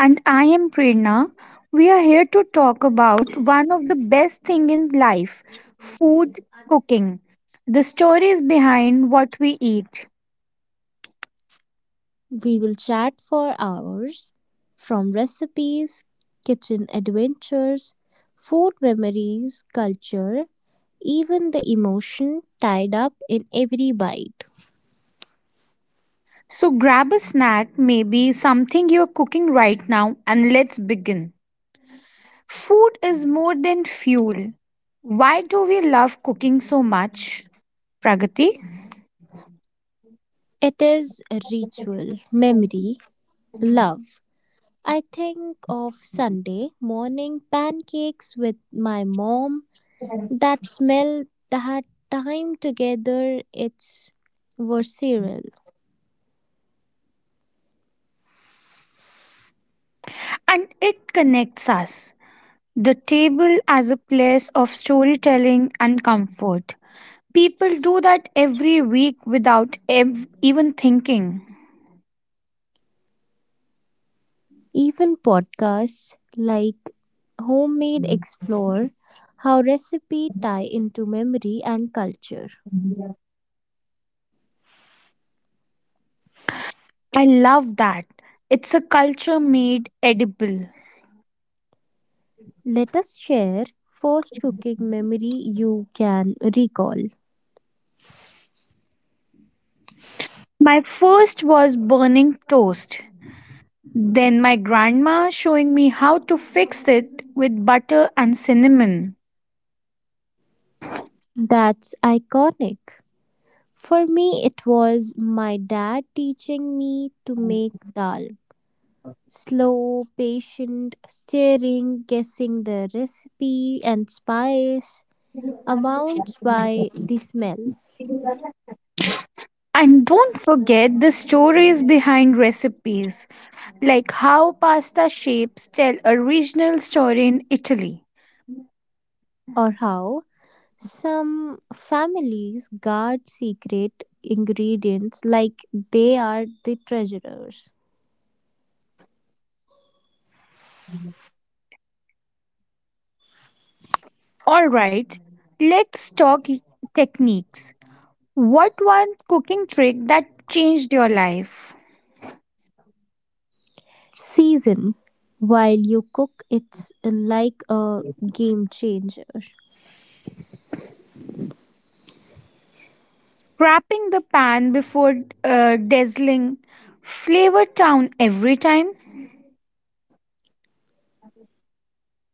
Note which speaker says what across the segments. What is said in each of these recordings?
Speaker 1: And I am Prerna. We are here to talk about one of the best thing in life, food cooking. The stories behind what we eat.
Speaker 2: We will chat for hours from recipes, kitchen adventures, food memories, culture, even the emotion tied up in every bite.
Speaker 1: So grab a snack, maybe something you're cooking right now, and let's begin. Food is more than fuel. Why do we love cooking so much, Pragati?
Speaker 2: It is a ritual, memory, love. I think of Sunday morning pancakes with my mom. That smell, that time together, it's visceral.
Speaker 1: And it connects us. The table as a place of storytelling and comfort. People do that every week without even thinking.
Speaker 2: Even podcasts like Homemade explore how recipes tie into memory and culture.
Speaker 1: I love that. It's a culture made edible.
Speaker 2: Let us share first cooking memory you can recall.
Speaker 1: My first was burning toast. Then my grandma showing me how to fix it with butter and cinnamon.
Speaker 2: That's iconic. For me, it was my dad teaching me to make dal. Slow, patient, stirring, guessing the recipe and spice amounts by the smell,
Speaker 1: And don't forget the stories behind recipes, like how pasta shapes tell a regional story in Italy.
Speaker 2: or how some families guard secret ingredients like they are the treasures.
Speaker 1: All right, let's talk techniques. What one cooking trick that changed your life?
Speaker 2: Season while you cook, it's like a game changer.
Speaker 1: Crapping the pan before dazzling flavor town every time?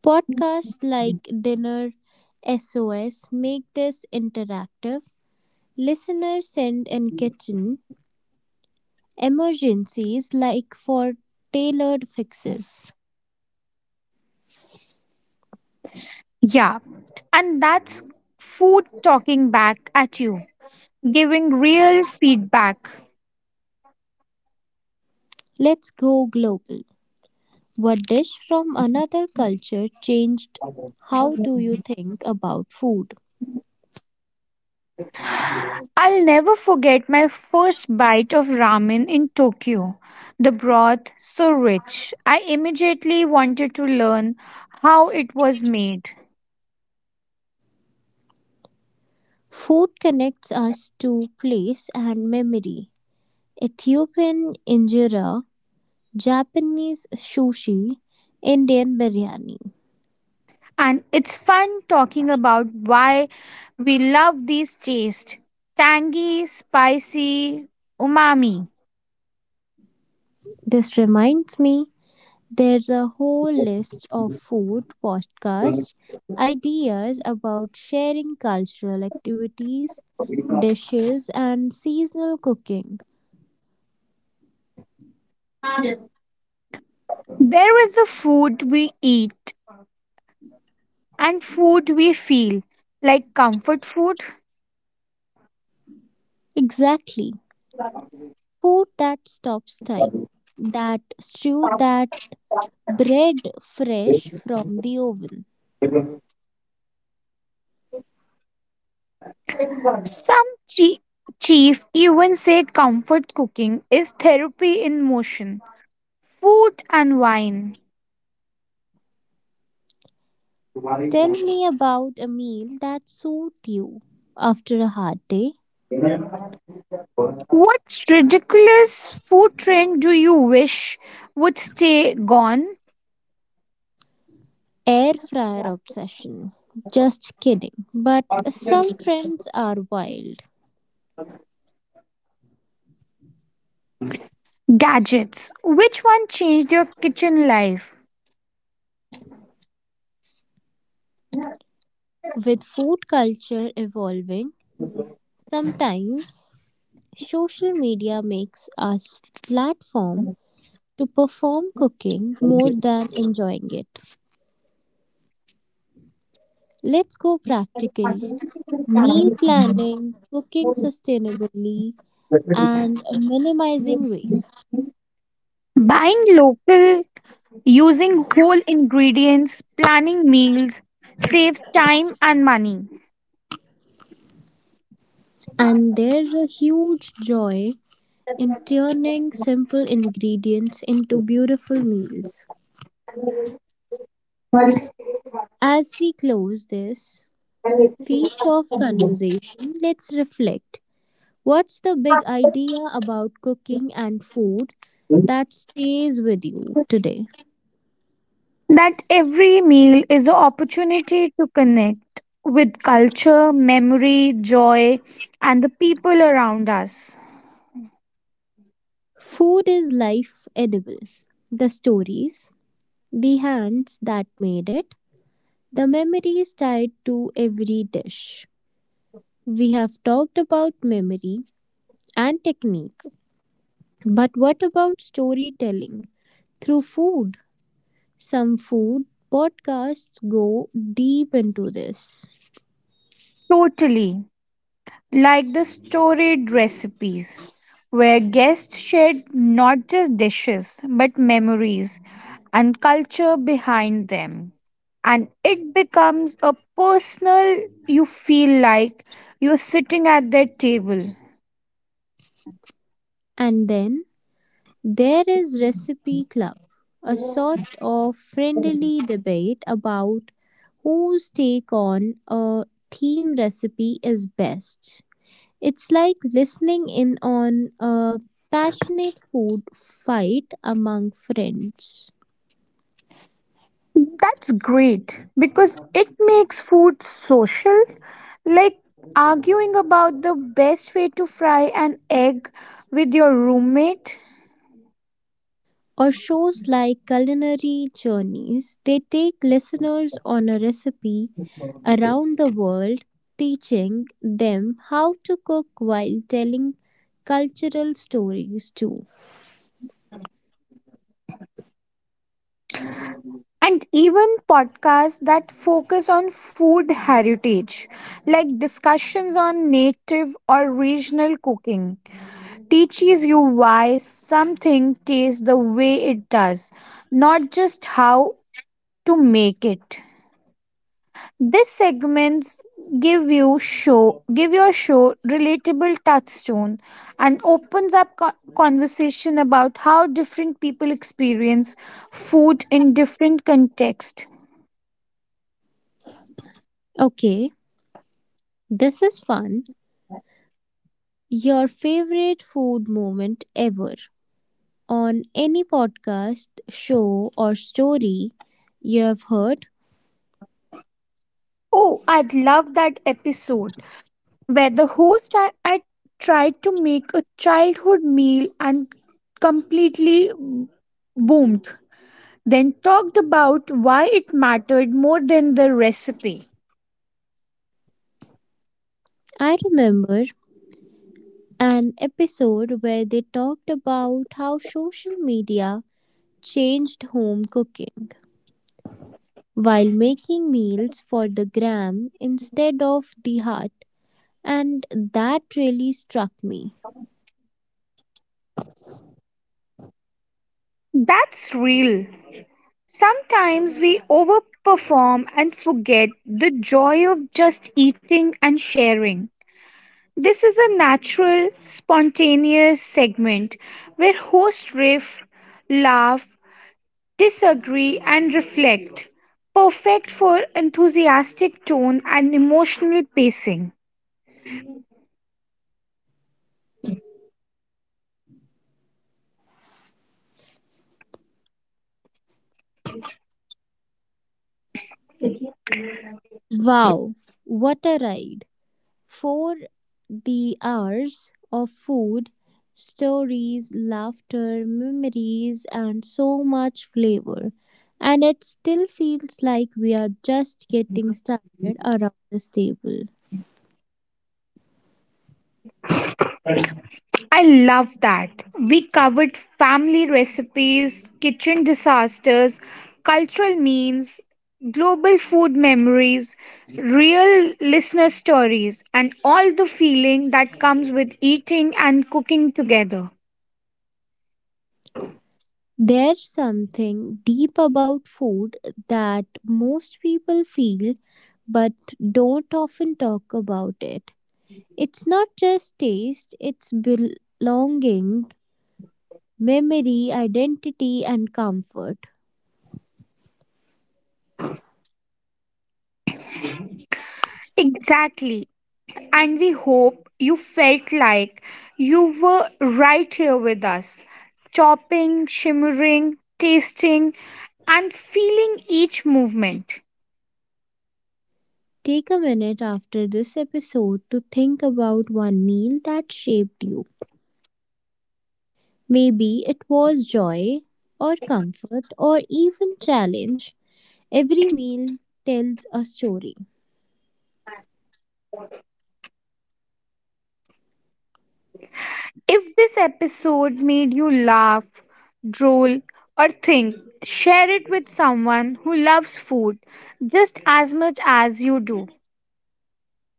Speaker 2: Podcasts like Dinner SOS make this interactive. Listeners send in kitchen emergencies like for tailored fixes.
Speaker 1: Yeah, and that's food talking back at you, giving real feedback.
Speaker 2: Let's go global. What dish from another culture changed how do you think about food?
Speaker 1: I'll never forget my first bite of ramen in Tokyo. The broth so rich. I immediately wanted to learn how it was made.
Speaker 2: Food connects us to place and memory. Ethiopian injera, Japanese sushi, Indian biryani.
Speaker 1: And it's fun talking about why we love these tastes tangy, spicy, umami.
Speaker 2: This reminds me there's a whole list of food podcasts, ideas about sharing cultural activities, dishes, and seasonal cooking.
Speaker 1: There is a food we eat and food we feel, like comfort food.
Speaker 2: Exactly. Food that stops time, that stew, that bread fresh from the oven.
Speaker 1: Some chi- chief even say comfort cooking is therapy in motion, food and wine.
Speaker 2: Tell me about a meal that soothed you after a hard day.
Speaker 1: What ridiculous food trend do you wish would stay gone?
Speaker 2: Air fryer obsession. Just kidding. But some trends are wild.
Speaker 1: Gadgets. Which one changed your kitchen life?
Speaker 2: With food culture evolving, sometimes social media makes us platform to perform cooking more than enjoying it. Let's go practical meal planning, cooking sustainably, and minimizing waste.
Speaker 1: Buying local, using whole ingredients, planning meals, saves time and money.
Speaker 2: And there's a huge joy in turning simple ingredients into beautiful meals. As we close this feast of conversation, let's reflect. What's the big idea about cooking and food that stays with you today?
Speaker 1: That every meal is an opportunity to connect with culture, memory, joy, and the people around us.
Speaker 2: Food is life edible. The stories, the hands that made it, the memory is tied to every dish. We have talked about memory and technique, but what about storytelling through food? Some food podcasts go deep into this.
Speaker 1: Totally. Like the storied recipes, where guests shared not just dishes but memories and culture behind them. And it becomes a personal, you feel like you're sitting at their table.
Speaker 2: And then there is Recipe Club, a sort of friendly debate about whose take on a theme recipe is best. It's like listening in on a passionate food fight among friends.
Speaker 1: That's great because it makes food social. Like arguing about the best way to fry an egg with your roommate
Speaker 2: Or shows like Culinary Journeys, they take listeners on a recipe around the world, teaching them how to cook while telling cultural stories too.
Speaker 1: and even podcasts that focus on food heritage, like discussions on native or regional cooking, teaches you why something tastes the way it does, not just how to make it. These segments give your show relatable touchstone and opens up conversation about how different people experience food in different contexts.
Speaker 2: Okay, this is fun. Your favorite food moment ever on any podcast, show, or story you have heard.
Speaker 1: Oh, I'd love that episode where the host I tried to make a childhood meal and completely boomed, then talked about why it mattered more than the recipe.
Speaker 2: I remember an episode where they talked about how social media changed home cooking while making meals for the gram instead of the heart, and that really struck me.
Speaker 1: That's real. Sometimes we overperform and forget the joy of just eating and sharing. This is a natural, spontaneous segment where hosts riff, laugh, disagree, and reflect. Perfect for enthusiastic tone and emotional pacing.
Speaker 2: Wow, what a ride! For the hours of food, stories, laughter, memories, and so much flavor. And it still feels like we are just getting started around this table.
Speaker 1: I love that. We covered family recipes, kitchen disasters, cultural memes, global food memories, real listener stories, and all the feeling that comes with eating and cooking together.
Speaker 2: There's something deep about food that most people feel but don't often talk about it. It's not just taste, it's belonging, memory, identity, and comfort.
Speaker 1: Exactly. And we hope you felt like you were right here with us, chopping, shimmering, tasting, and feeling each movement.
Speaker 2: Take a minute after this episode to think about one meal that shaped you. Maybe it was joy or comfort or even challenge. Every meal tells a story.
Speaker 1: If this episode made you laugh, drool, or think, share it with someone who loves food just as much as you do.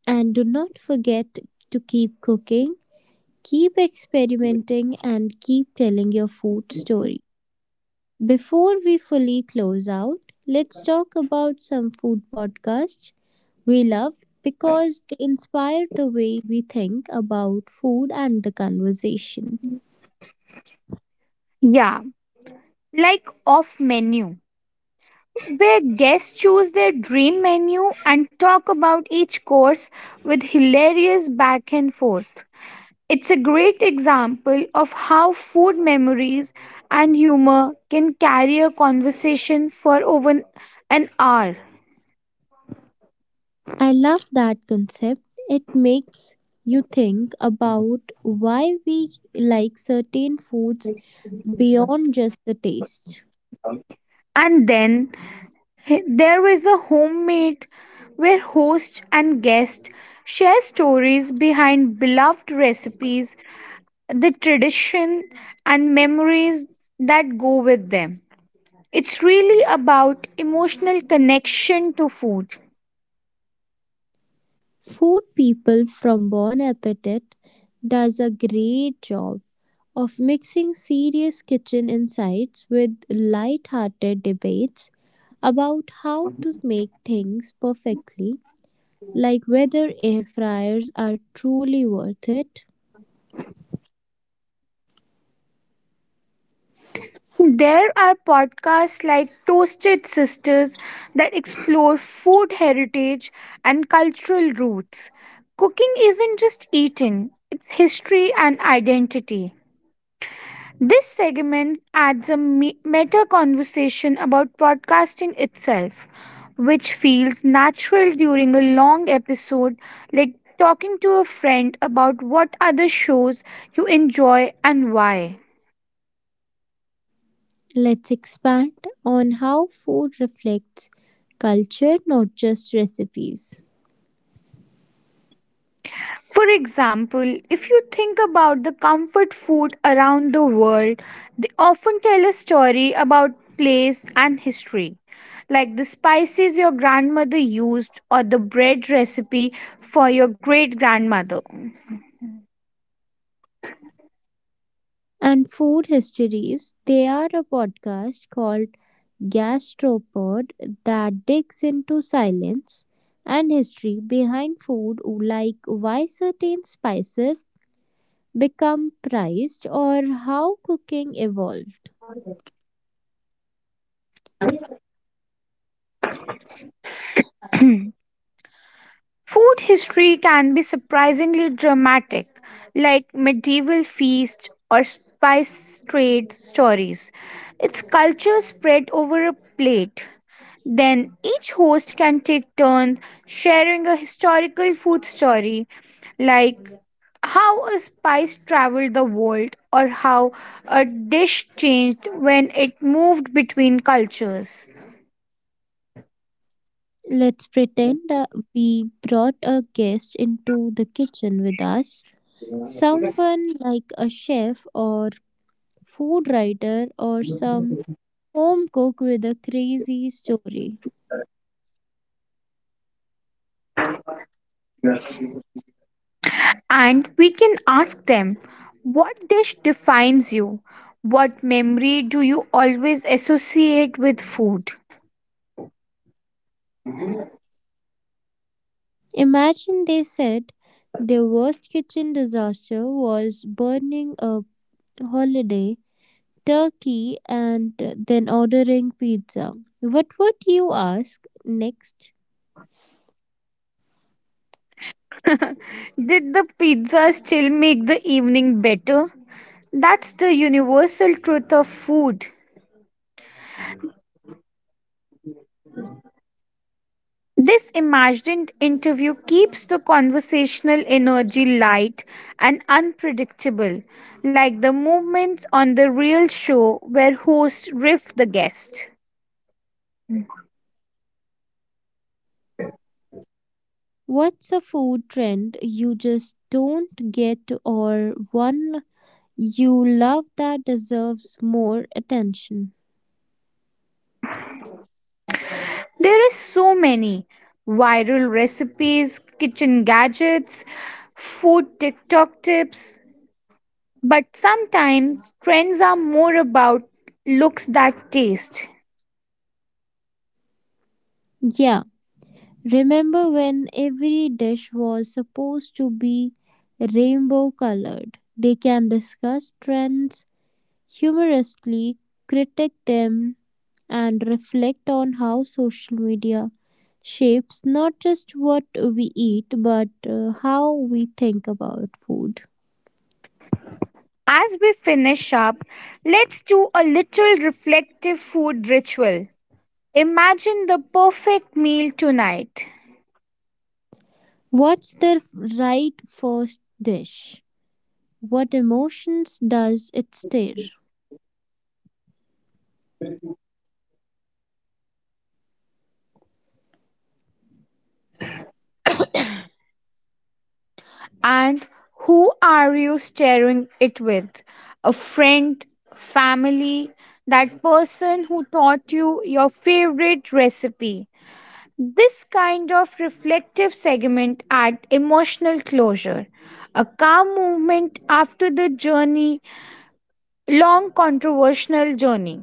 Speaker 2: And do not forget to keep cooking, keep experimenting, and keep telling your food story. Before we fully close out, let's talk about some food podcasts we love because they inspire the way we think about food and the conversation.
Speaker 1: Yeah, like off menu, where guests choose their dream menu and talk about each course with hilarious back and forth. It's a great example of how food memories and humor can carry a conversation for over an hour.
Speaker 2: I love that concept. It makes you think about why we like certain foods beyond just the taste.
Speaker 1: And then there is a homemade where host and guest share stories behind beloved recipes, the tradition and memories that go with them. It's really about emotional connection to food.
Speaker 2: Food people from Bon Appetit does a great job of mixing serious kitchen insights with light-hearted debates about how to make things perfectly, like whether air fryers are truly worth it.
Speaker 1: There are podcasts like Toasted Sisters that explore food heritage and cultural roots. Cooking isn't just eating, it's history and identity. This segment adds a meta conversation about podcasting itself, which feels natural during a long episode, like talking to a friend about what other shows you enjoy and why.
Speaker 2: Let's expand on how food reflects culture, not just recipes.
Speaker 1: For example, if you think about the comfort food around the world, they often tell a story about place and history, like the spices your grandmother used or the bread recipe for your great grandmother.
Speaker 2: And food histories, they are a podcast called Gastropod that digs into silence and history behind food, like why certain spices become prized or how cooking evolved.
Speaker 1: Food history can be surprisingly dramatic, like medieval feasts or spice trade stories. Its culture spread over a plate. Then each host can take turns sharing a historical food story, like how a spice traveled the world or how a dish changed when it moved between cultures.
Speaker 2: Let's pretend we brought a guest into the kitchen with us. Someone like a chef or food writer or some home cook with a crazy story.
Speaker 1: And we can ask them, what dish defines you? What memory do you always associate with food?
Speaker 2: Imagine they said their worst kitchen disaster was burning a holiday turkey and then ordering pizza. What would you ask next?
Speaker 1: Did the pizza still make the evening better? That's the universal truth of food. This imagined interview keeps the conversational energy light and unpredictable, like the movements on the real show where hosts riff the guest.
Speaker 2: What's a food trend you just don't get or one you love that deserves more attention?
Speaker 1: There are so many viral recipes, kitchen gadgets, food TikTok tips, but sometimes trends are more about looks that taste.
Speaker 2: Yeah, remember when every dish was supposed to be rainbow colored? They can discuss trends humorously, critique them, and reflect on how social media shapes not just what we eat but how we think about food.
Speaker 1: As we finish up, let's do a little reflective food ritual. Imagine the perfect meal tonight.
Speaker 2: What's the right first dish? What emotions does it stir?
Speaker 1: And who are you sharing it with? A friend, family, that person who taught you your favorite recipe. This kind of reflective segment at emotional closure. A calm movement after the journey, long controversial journey.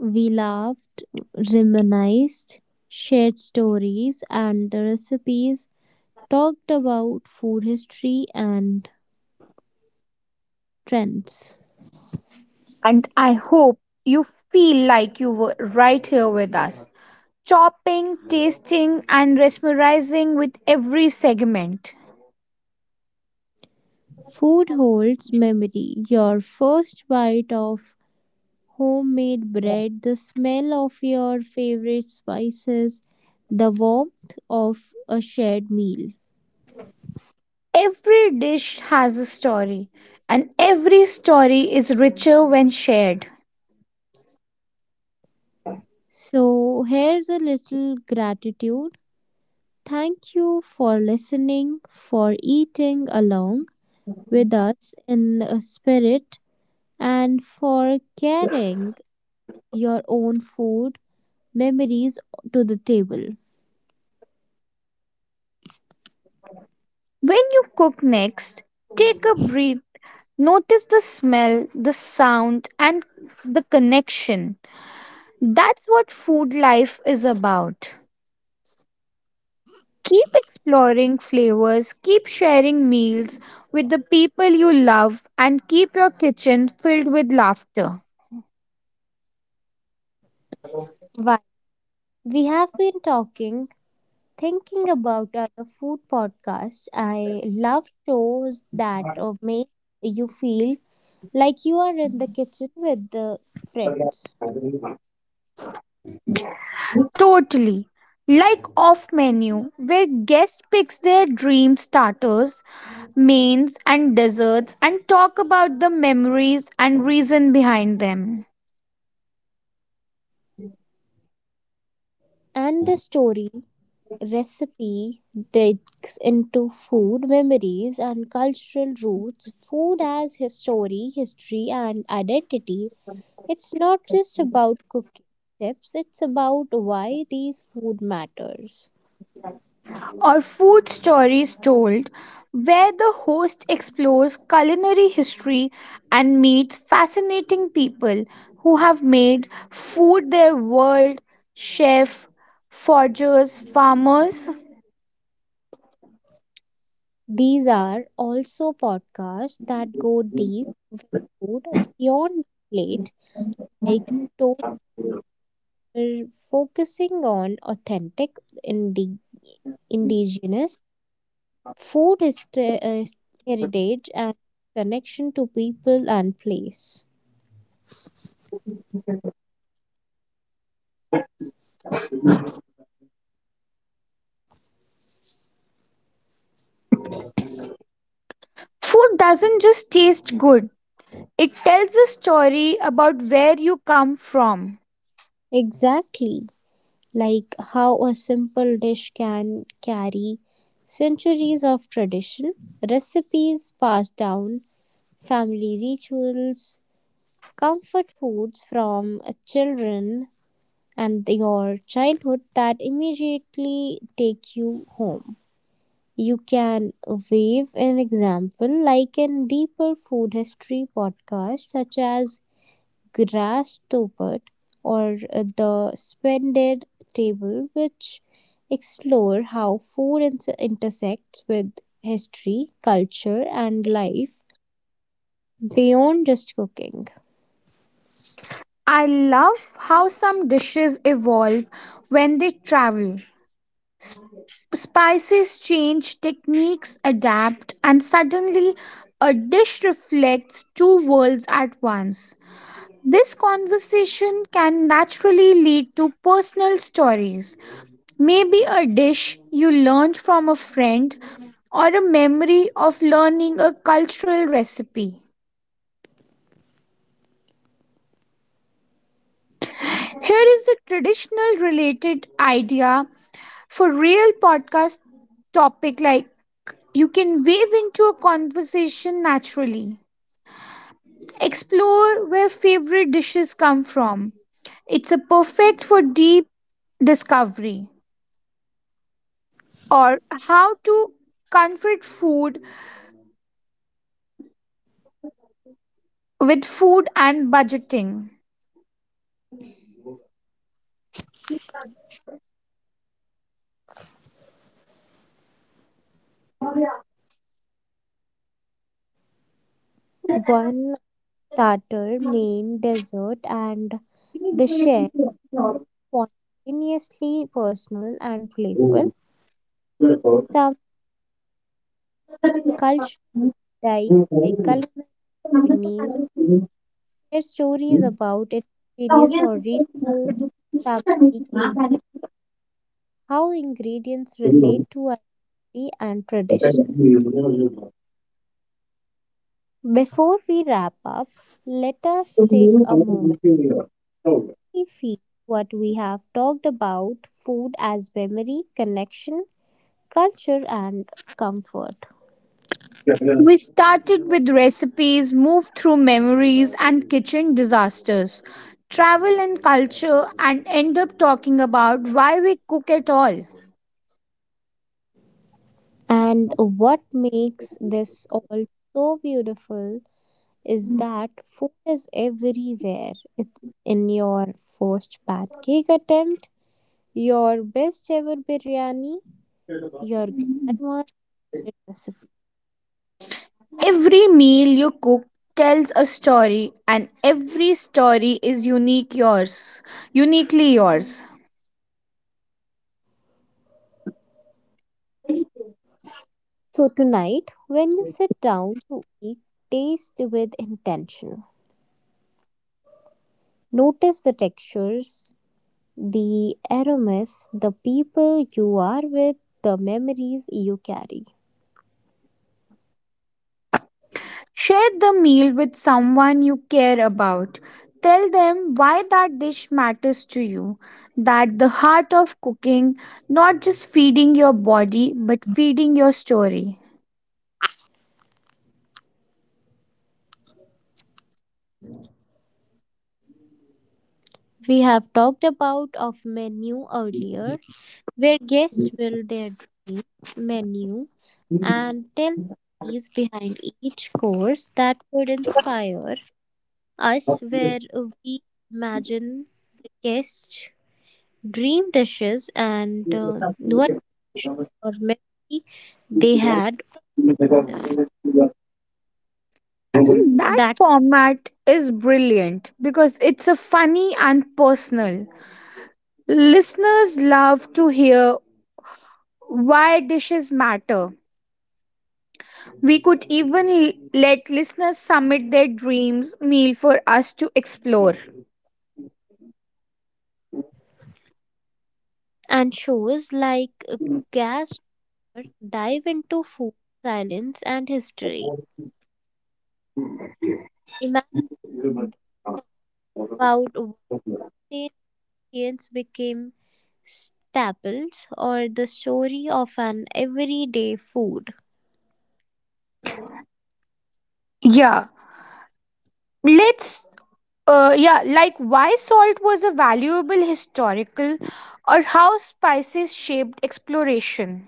Speaker 2: We laughed, reminisced, shared stories and the recipes, talked about food history and trends.
Speaker 1: And I hope you feel like you were right here with us, chopping, tasting, and mesmerizing with every segment.
Speaker 2: Food holds memory. Your first bite of homemade bread, the smell of your favorite spices, the warmth of a shared meal.
Speaker 1: Every dish has a story, and every story is richer when shared.
Speaker 2: So, here's a little gratitude. Thank you for listening, for eating along with us in a spirit, and for carrying your own food memories to the table.
Speaker 1: When you cook next, take a breath, notice the smell, the sound, and the connection. That's what food life is about. Keep exploring flavors, keep sharing meals with the people you love, and keep your kitchen filled with laughter.
Speaker 2: While we have been talking, thinking about other food podcasts, I love shows that make you feel like you are in the kitchen with the friends.
Speaker 1: Totally. Like off menu, where guests picks their dream starters, mains and desserts and talk about the memories and reason behind them.
Speaker 2: And the stories recipe digs into food memories and cultural roots, food as history, history, and identity. It's not just about cooking tips, it's about why these food matters.
Speaker 1: Or food stories told, where the host explores culinary history and meets fascinating people who have made food their world, chef, forgers, farmers.
Speaker 2: These are also podcasts that go deep with food beyond the plate, like toaster, focusing on authentic indi- indigenous food is the- heritage and connection to people and place.
Speaker 1: Food doesn't just taste good, it tells a story about where you come from.
Speaker 2: Exactly, like how a simple dish can carry centuries of tradition, recipes passed down, family rituals, comfort foods from children, and your childhood that immediately take you home. You can wave an example like in deeper food history podcasts such as Grass Topert or the Splendid Table, which explore how food intersects with history, culture, and life beyond just cooking.
Speaker 1: I love how some dishes evolve when they travel. Sp- Spices change, techniques adapt, and suddenly a dish reflects two worlds at once. This conversation can naturally lead to personal stories. Maybe a dish you learned from a friend or a memory of learning a cultural recipe. Here is a traditional related idea for real podcast topic like you can wave into a conversation naturally. Explore where favorite dishes come from. It's a perfect for deep discovery or how to comfort food with food and budgeting.
Speaker 2: One starter, main, dessert, and the share spontaneously personal and playful. Some culture diet like culinary journeys, share stories about indigenous or regional family cuisine, how ingredients relate to identity and tradition. Before we wrap up, let us take a moment
Speaker 1: We
Speaker 2: to feel what we have talked about food as memory, connection, culture, and comfort.
Speaker 1: started with recipes, moved through memories and kitchen disasters, travel and culture, and end up talking about why we cook at all.
Speaker 2: And what makes this all so beautiful is that food is everywhere. It's in your first pancake attempt, your best ever biryani, your grandma's recipe.
Speaker 1: Every meal you cook tells a story, and every story is unique yours, uniquely yours.
Speaker 2: So tonight, when you sit down to eat, taste with intention. Notice the textures, the aromas, the people you are with, the memories you carry.
Speaker 1: Share the meal with someone you care about. Tell them why that dish matters to you. That the heart of cooking, not just feeding your body, but feeding your story.
Speaker 2: We have talked about of menu earlier, where guests will their dreams menu and tell stories behind each course that could inspire us where we imagine the guests dream dishes and what emotion or memory they had
Speaker 1: I think that
Speaker 2: that.
Speaker 1: format is brilliant because it's a funny and personal. Listeners love to hear why dishes matter. We could even let listeners submit their dreams meal for us to explore.
Speaker 2: And shows like gas dive into food silence and history, imagine about what ingredients became staples or the story of an everyday food.
Speaker 1: Yeah, let's. Yeah, like why salt was a valuable historical or how spices shaped exploration.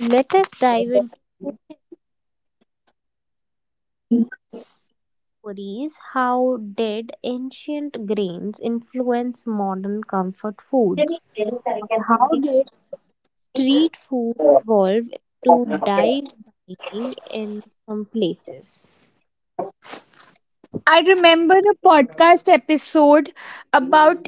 Speaker 2: Let us dive into food stories. How did ancient grains influence modern comfort foods? How did street food evolve to dive dining in some places?
Speaker 1: I remember a podcast episode about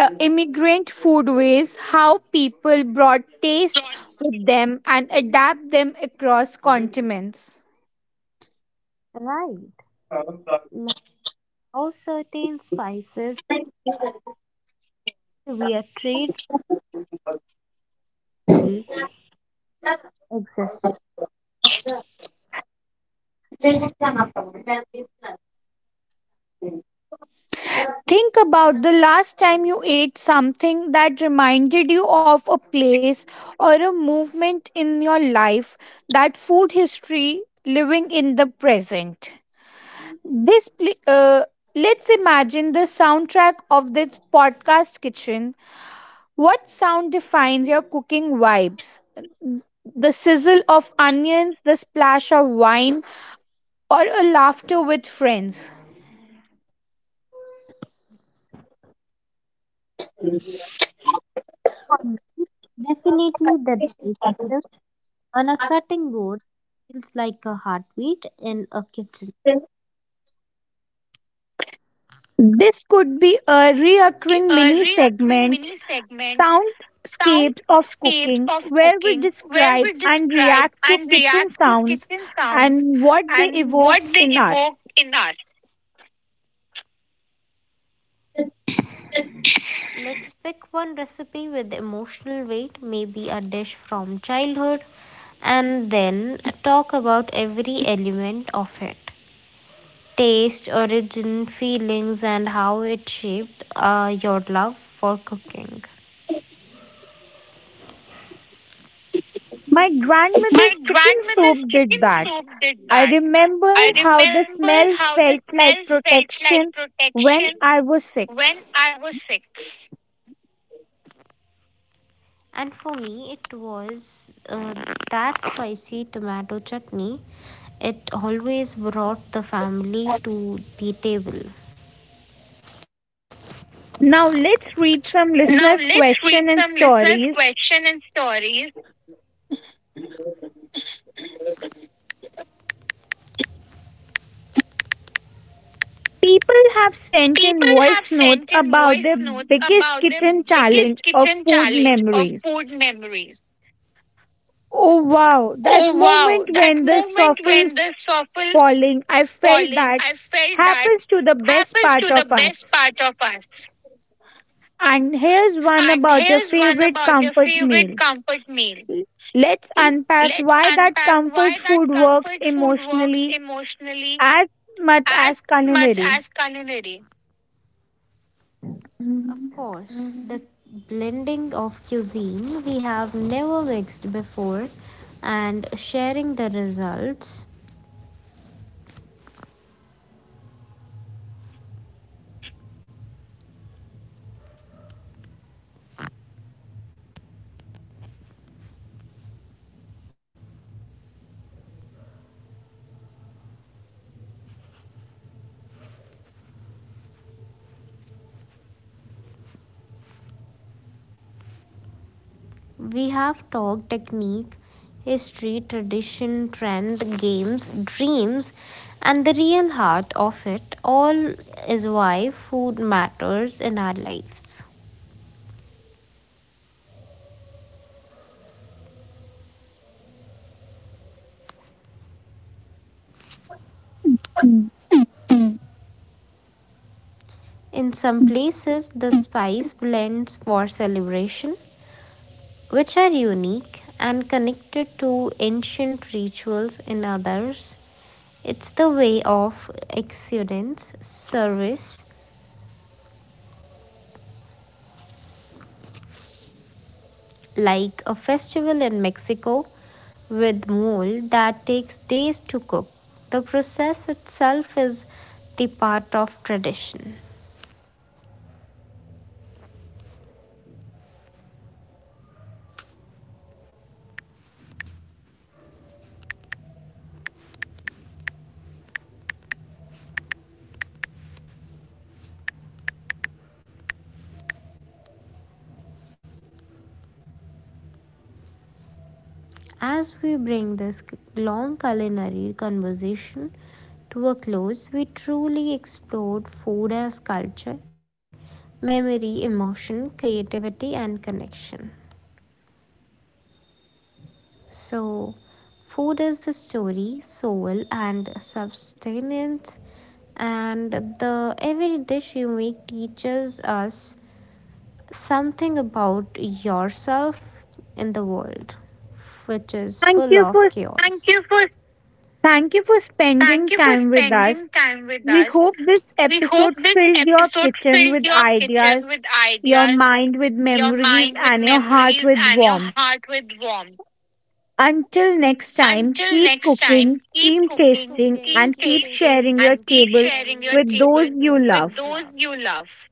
Speaker 1: immigrant foodways, how people brought taste with them and adapt them across continents.
Speaker 2: Right. Now certain spices were trade route existed.
Speaker 1: Think about the last time you ate something that reminded you of a place or a movement in your life, that food history living in the present. This pl- uh, let's imagine the soundtrack of this podcast kitchen. What sound defines your cooking vibes? The sizzle of onions, the splash of wine, or a laughter with friends.
Speaker 2: For me, definitely the digestion on a cutting board feels like a heartbeat in a kitchen.
Speaker 1: This could be a reoccurring
Speaker 2: A
Speaker 1: mini
Speaker 2: reoccurring
Speaker 1: segment,
Speaker 2: mini segment
Speaker 1: Soundscapes of
Speaker 2: Soundscapes
Speaker 1: Cooking,
Speaker 2: of
Speaker 1: where we
Speaker 2: Cooking, where
Speaker 1: describe
Speaker 2: we
Speaker 1: and
Speaker 2: describe
Speaker 1: react to
Speaker 2: and
Speaker 1: kitchen
Speaker 2: react to
Speaker 1: sounds
Speaker 2: kitchen sounds
Speaker 1: and what they
Speaker 2: and
Speaker 1: evoke
Speaker 2: what they
Speaker 1: in
Speaker 2: evoke
Speaker 1: us.
Speaker 2: in us. Let's pick one recipe with emotional weight, maybe a dish from childhood, and then talk about every element of it, taste, origin, feelings, and how it shaped your love for cooking.
Speaker 1: My
Speaker 2: My
Speaker 1: grandmother's chicken
Speaker 2: grandmother's
Speaker 1: soup
Speaker 2: chicken
Speaker 1: did that.
Speaker 2: soup did
Speaker 1: I
Speaker 2: that.
Speaker 1: remember
Speaker 2: I
Speaker 1: how the
Speaker 2: remember
Speaker 1: smell
Speaker 2: how the
Speaker 1: felt like
Speaker 2: smell felt like
Speaker 1: protection when
Speaker 2: protection
Speaker 1: I was
Speaker 2: when
Speaker 1: sick.
Speaker 2: I was sick. And for me, it was that spicy tomato chutney. It always brought the family to the table.
Speaker 1: Now let's read
Speaker 2: Now
Speaker 1: some
Speaker 2: let's
Speaker 1: listeners'
Speaker 2: read some
Speaker 1: question and
Speaker 2: listeners'
Speaker 1: stories.
Speaker 2: questions and stories.
Speaker 1: People have sent
Speaker 2: People
Speaker 1: in
Speaker 2: have
Speaker 1: voice
Speaker 2: sent
Speaker 1: notes
Speaker 2: in voice
Speaker 1: about their
Speaker 2: notes about
Speaker 1: biggest
Speaker 2: their
Speaker 1: kitchen
Speaker 2: biggest
Speaker 1: challenge or
Speaker 2: kitchen
Speaker 1: food
Speaker 2: challenge or
Speaker 1: memories.
Speaker 2: food memories.
Speaker 1: Oh wow, that
Speaker 2: Oh wow,
Speaker 1: moment
Speaker 2: that
Speaker 1: when the
Speaker 2: moment
Speaker 1: soffle
Speaker 2: when the soffle
Speaker 1: falling, I felt
Speaker 2: falling,
Speaker 1: that
Speaker 2: I felt that
Speaker 1: happens to the best
Speaker 2: happens to
Speaker 1: part
Speaker 2: the
Speaker 1: of
Speaker 2: best
Speaker 1: us.
Speaker 2: part of us.
Speaker 1: And here's one
Speaker 2: And
Speaker 1: about your
Speaker 2: here's one
Speaker 1: favorite
Speaker 2: about your
Speaker 1: comfort
Speaker 2: favorite
Speaker 1: meal.
Speaker 2: comfort meal.
Speaker 1: L- Let's unpack
Speaker 2: Let's
Speaker 1: why that
Speaker 2: unpack why
Speaker 1: comfort food
Speaker 2: that
Speaker 1: works
Speaker 2: comfort food works
Speaker 1: emotionally
Speaker 2: emotionally
Speaker 1: as much
Speaker 2: as
Speaker 1: as
Speaker 2: much
Speaker 1: culinary.
Speaker 2: as culinary. Of
Speaker 1: Mhm.
Speaker 2: course, the blending of cuisine we have never mixed before and sharing the results. We have talked technique, history, tradition, trend, games, dreams, and the real heart of it all is why food matters in our lives.
Speaker 1: Mm.
Speaker 2: In some places, the spice blends for celebration, which are unique and connected to ancient rituals in others. It's the way of excellence, service, like a festival in Mexico with mole that takes days to cook. The process itself is the part of tradition. As we bring this long culinary conversation to a close, we truly explored food as culture, memory, emotion, creativity, and connection. So, food is the story, soul, and sustenance, and the every dish you make teaches us something about yourself in the world, which is
Speaker 1: Thank
Speaker 2: full
Speaker 1: you
Speaker 2: of
Speaker 1: for
Speaker 2: chaos. Thank you for
Speaker 1: Thank you for spending
Speaker 2: thank you for
Speaker 1: time with us.
Speaker 2: spending time with
Speaker 1: We
Speaker 2: us.
Speaker 1: hope this
Speaker 2: We hope
Speaker 1: episode
Speaker 2: this
Speaker 1: filled your
Speaker 2: episode
Speaker 1: kitchen
Speaker 2: filled
Speaker 1: with
Speaker 2: your
Speaker 1: ideas,
Speaker 2: kitchen with
Speaker 1: your
Speaker 2: ideas,
Speaker 1: mind with
Speaker 2: your
Speaker 1: memories,
Speaker 2: mind with
Speaker 1: and your heart
Speaker 2: memories,
Speaker 1: with
Speaker 2: and your
Speaker 1: warmth.
Speaker 2: heart with warmth.
Speaker 1: Until next time,
Speaker 2: Until
Speaker 1: keep
Speaker 2: next time,
Speaker 1: cooking,
Speaker 2: keep
Speaker 1: keep
Speaker 2: cooking, Keep cooking,
Speaker 1: tasting,
Speaker 2: keep
Speaker 1: and keep
Speaker 2: tasting,
Speaker 1: sharing your
Speaker 2: and keep
Speaker 1: table
Speaker 2: sharing your
Speaker 1: with
Speaker 2: table
Speaker 1: those you
Speaker 2: with
Speaker 1: love.
Speaker 2: those you love.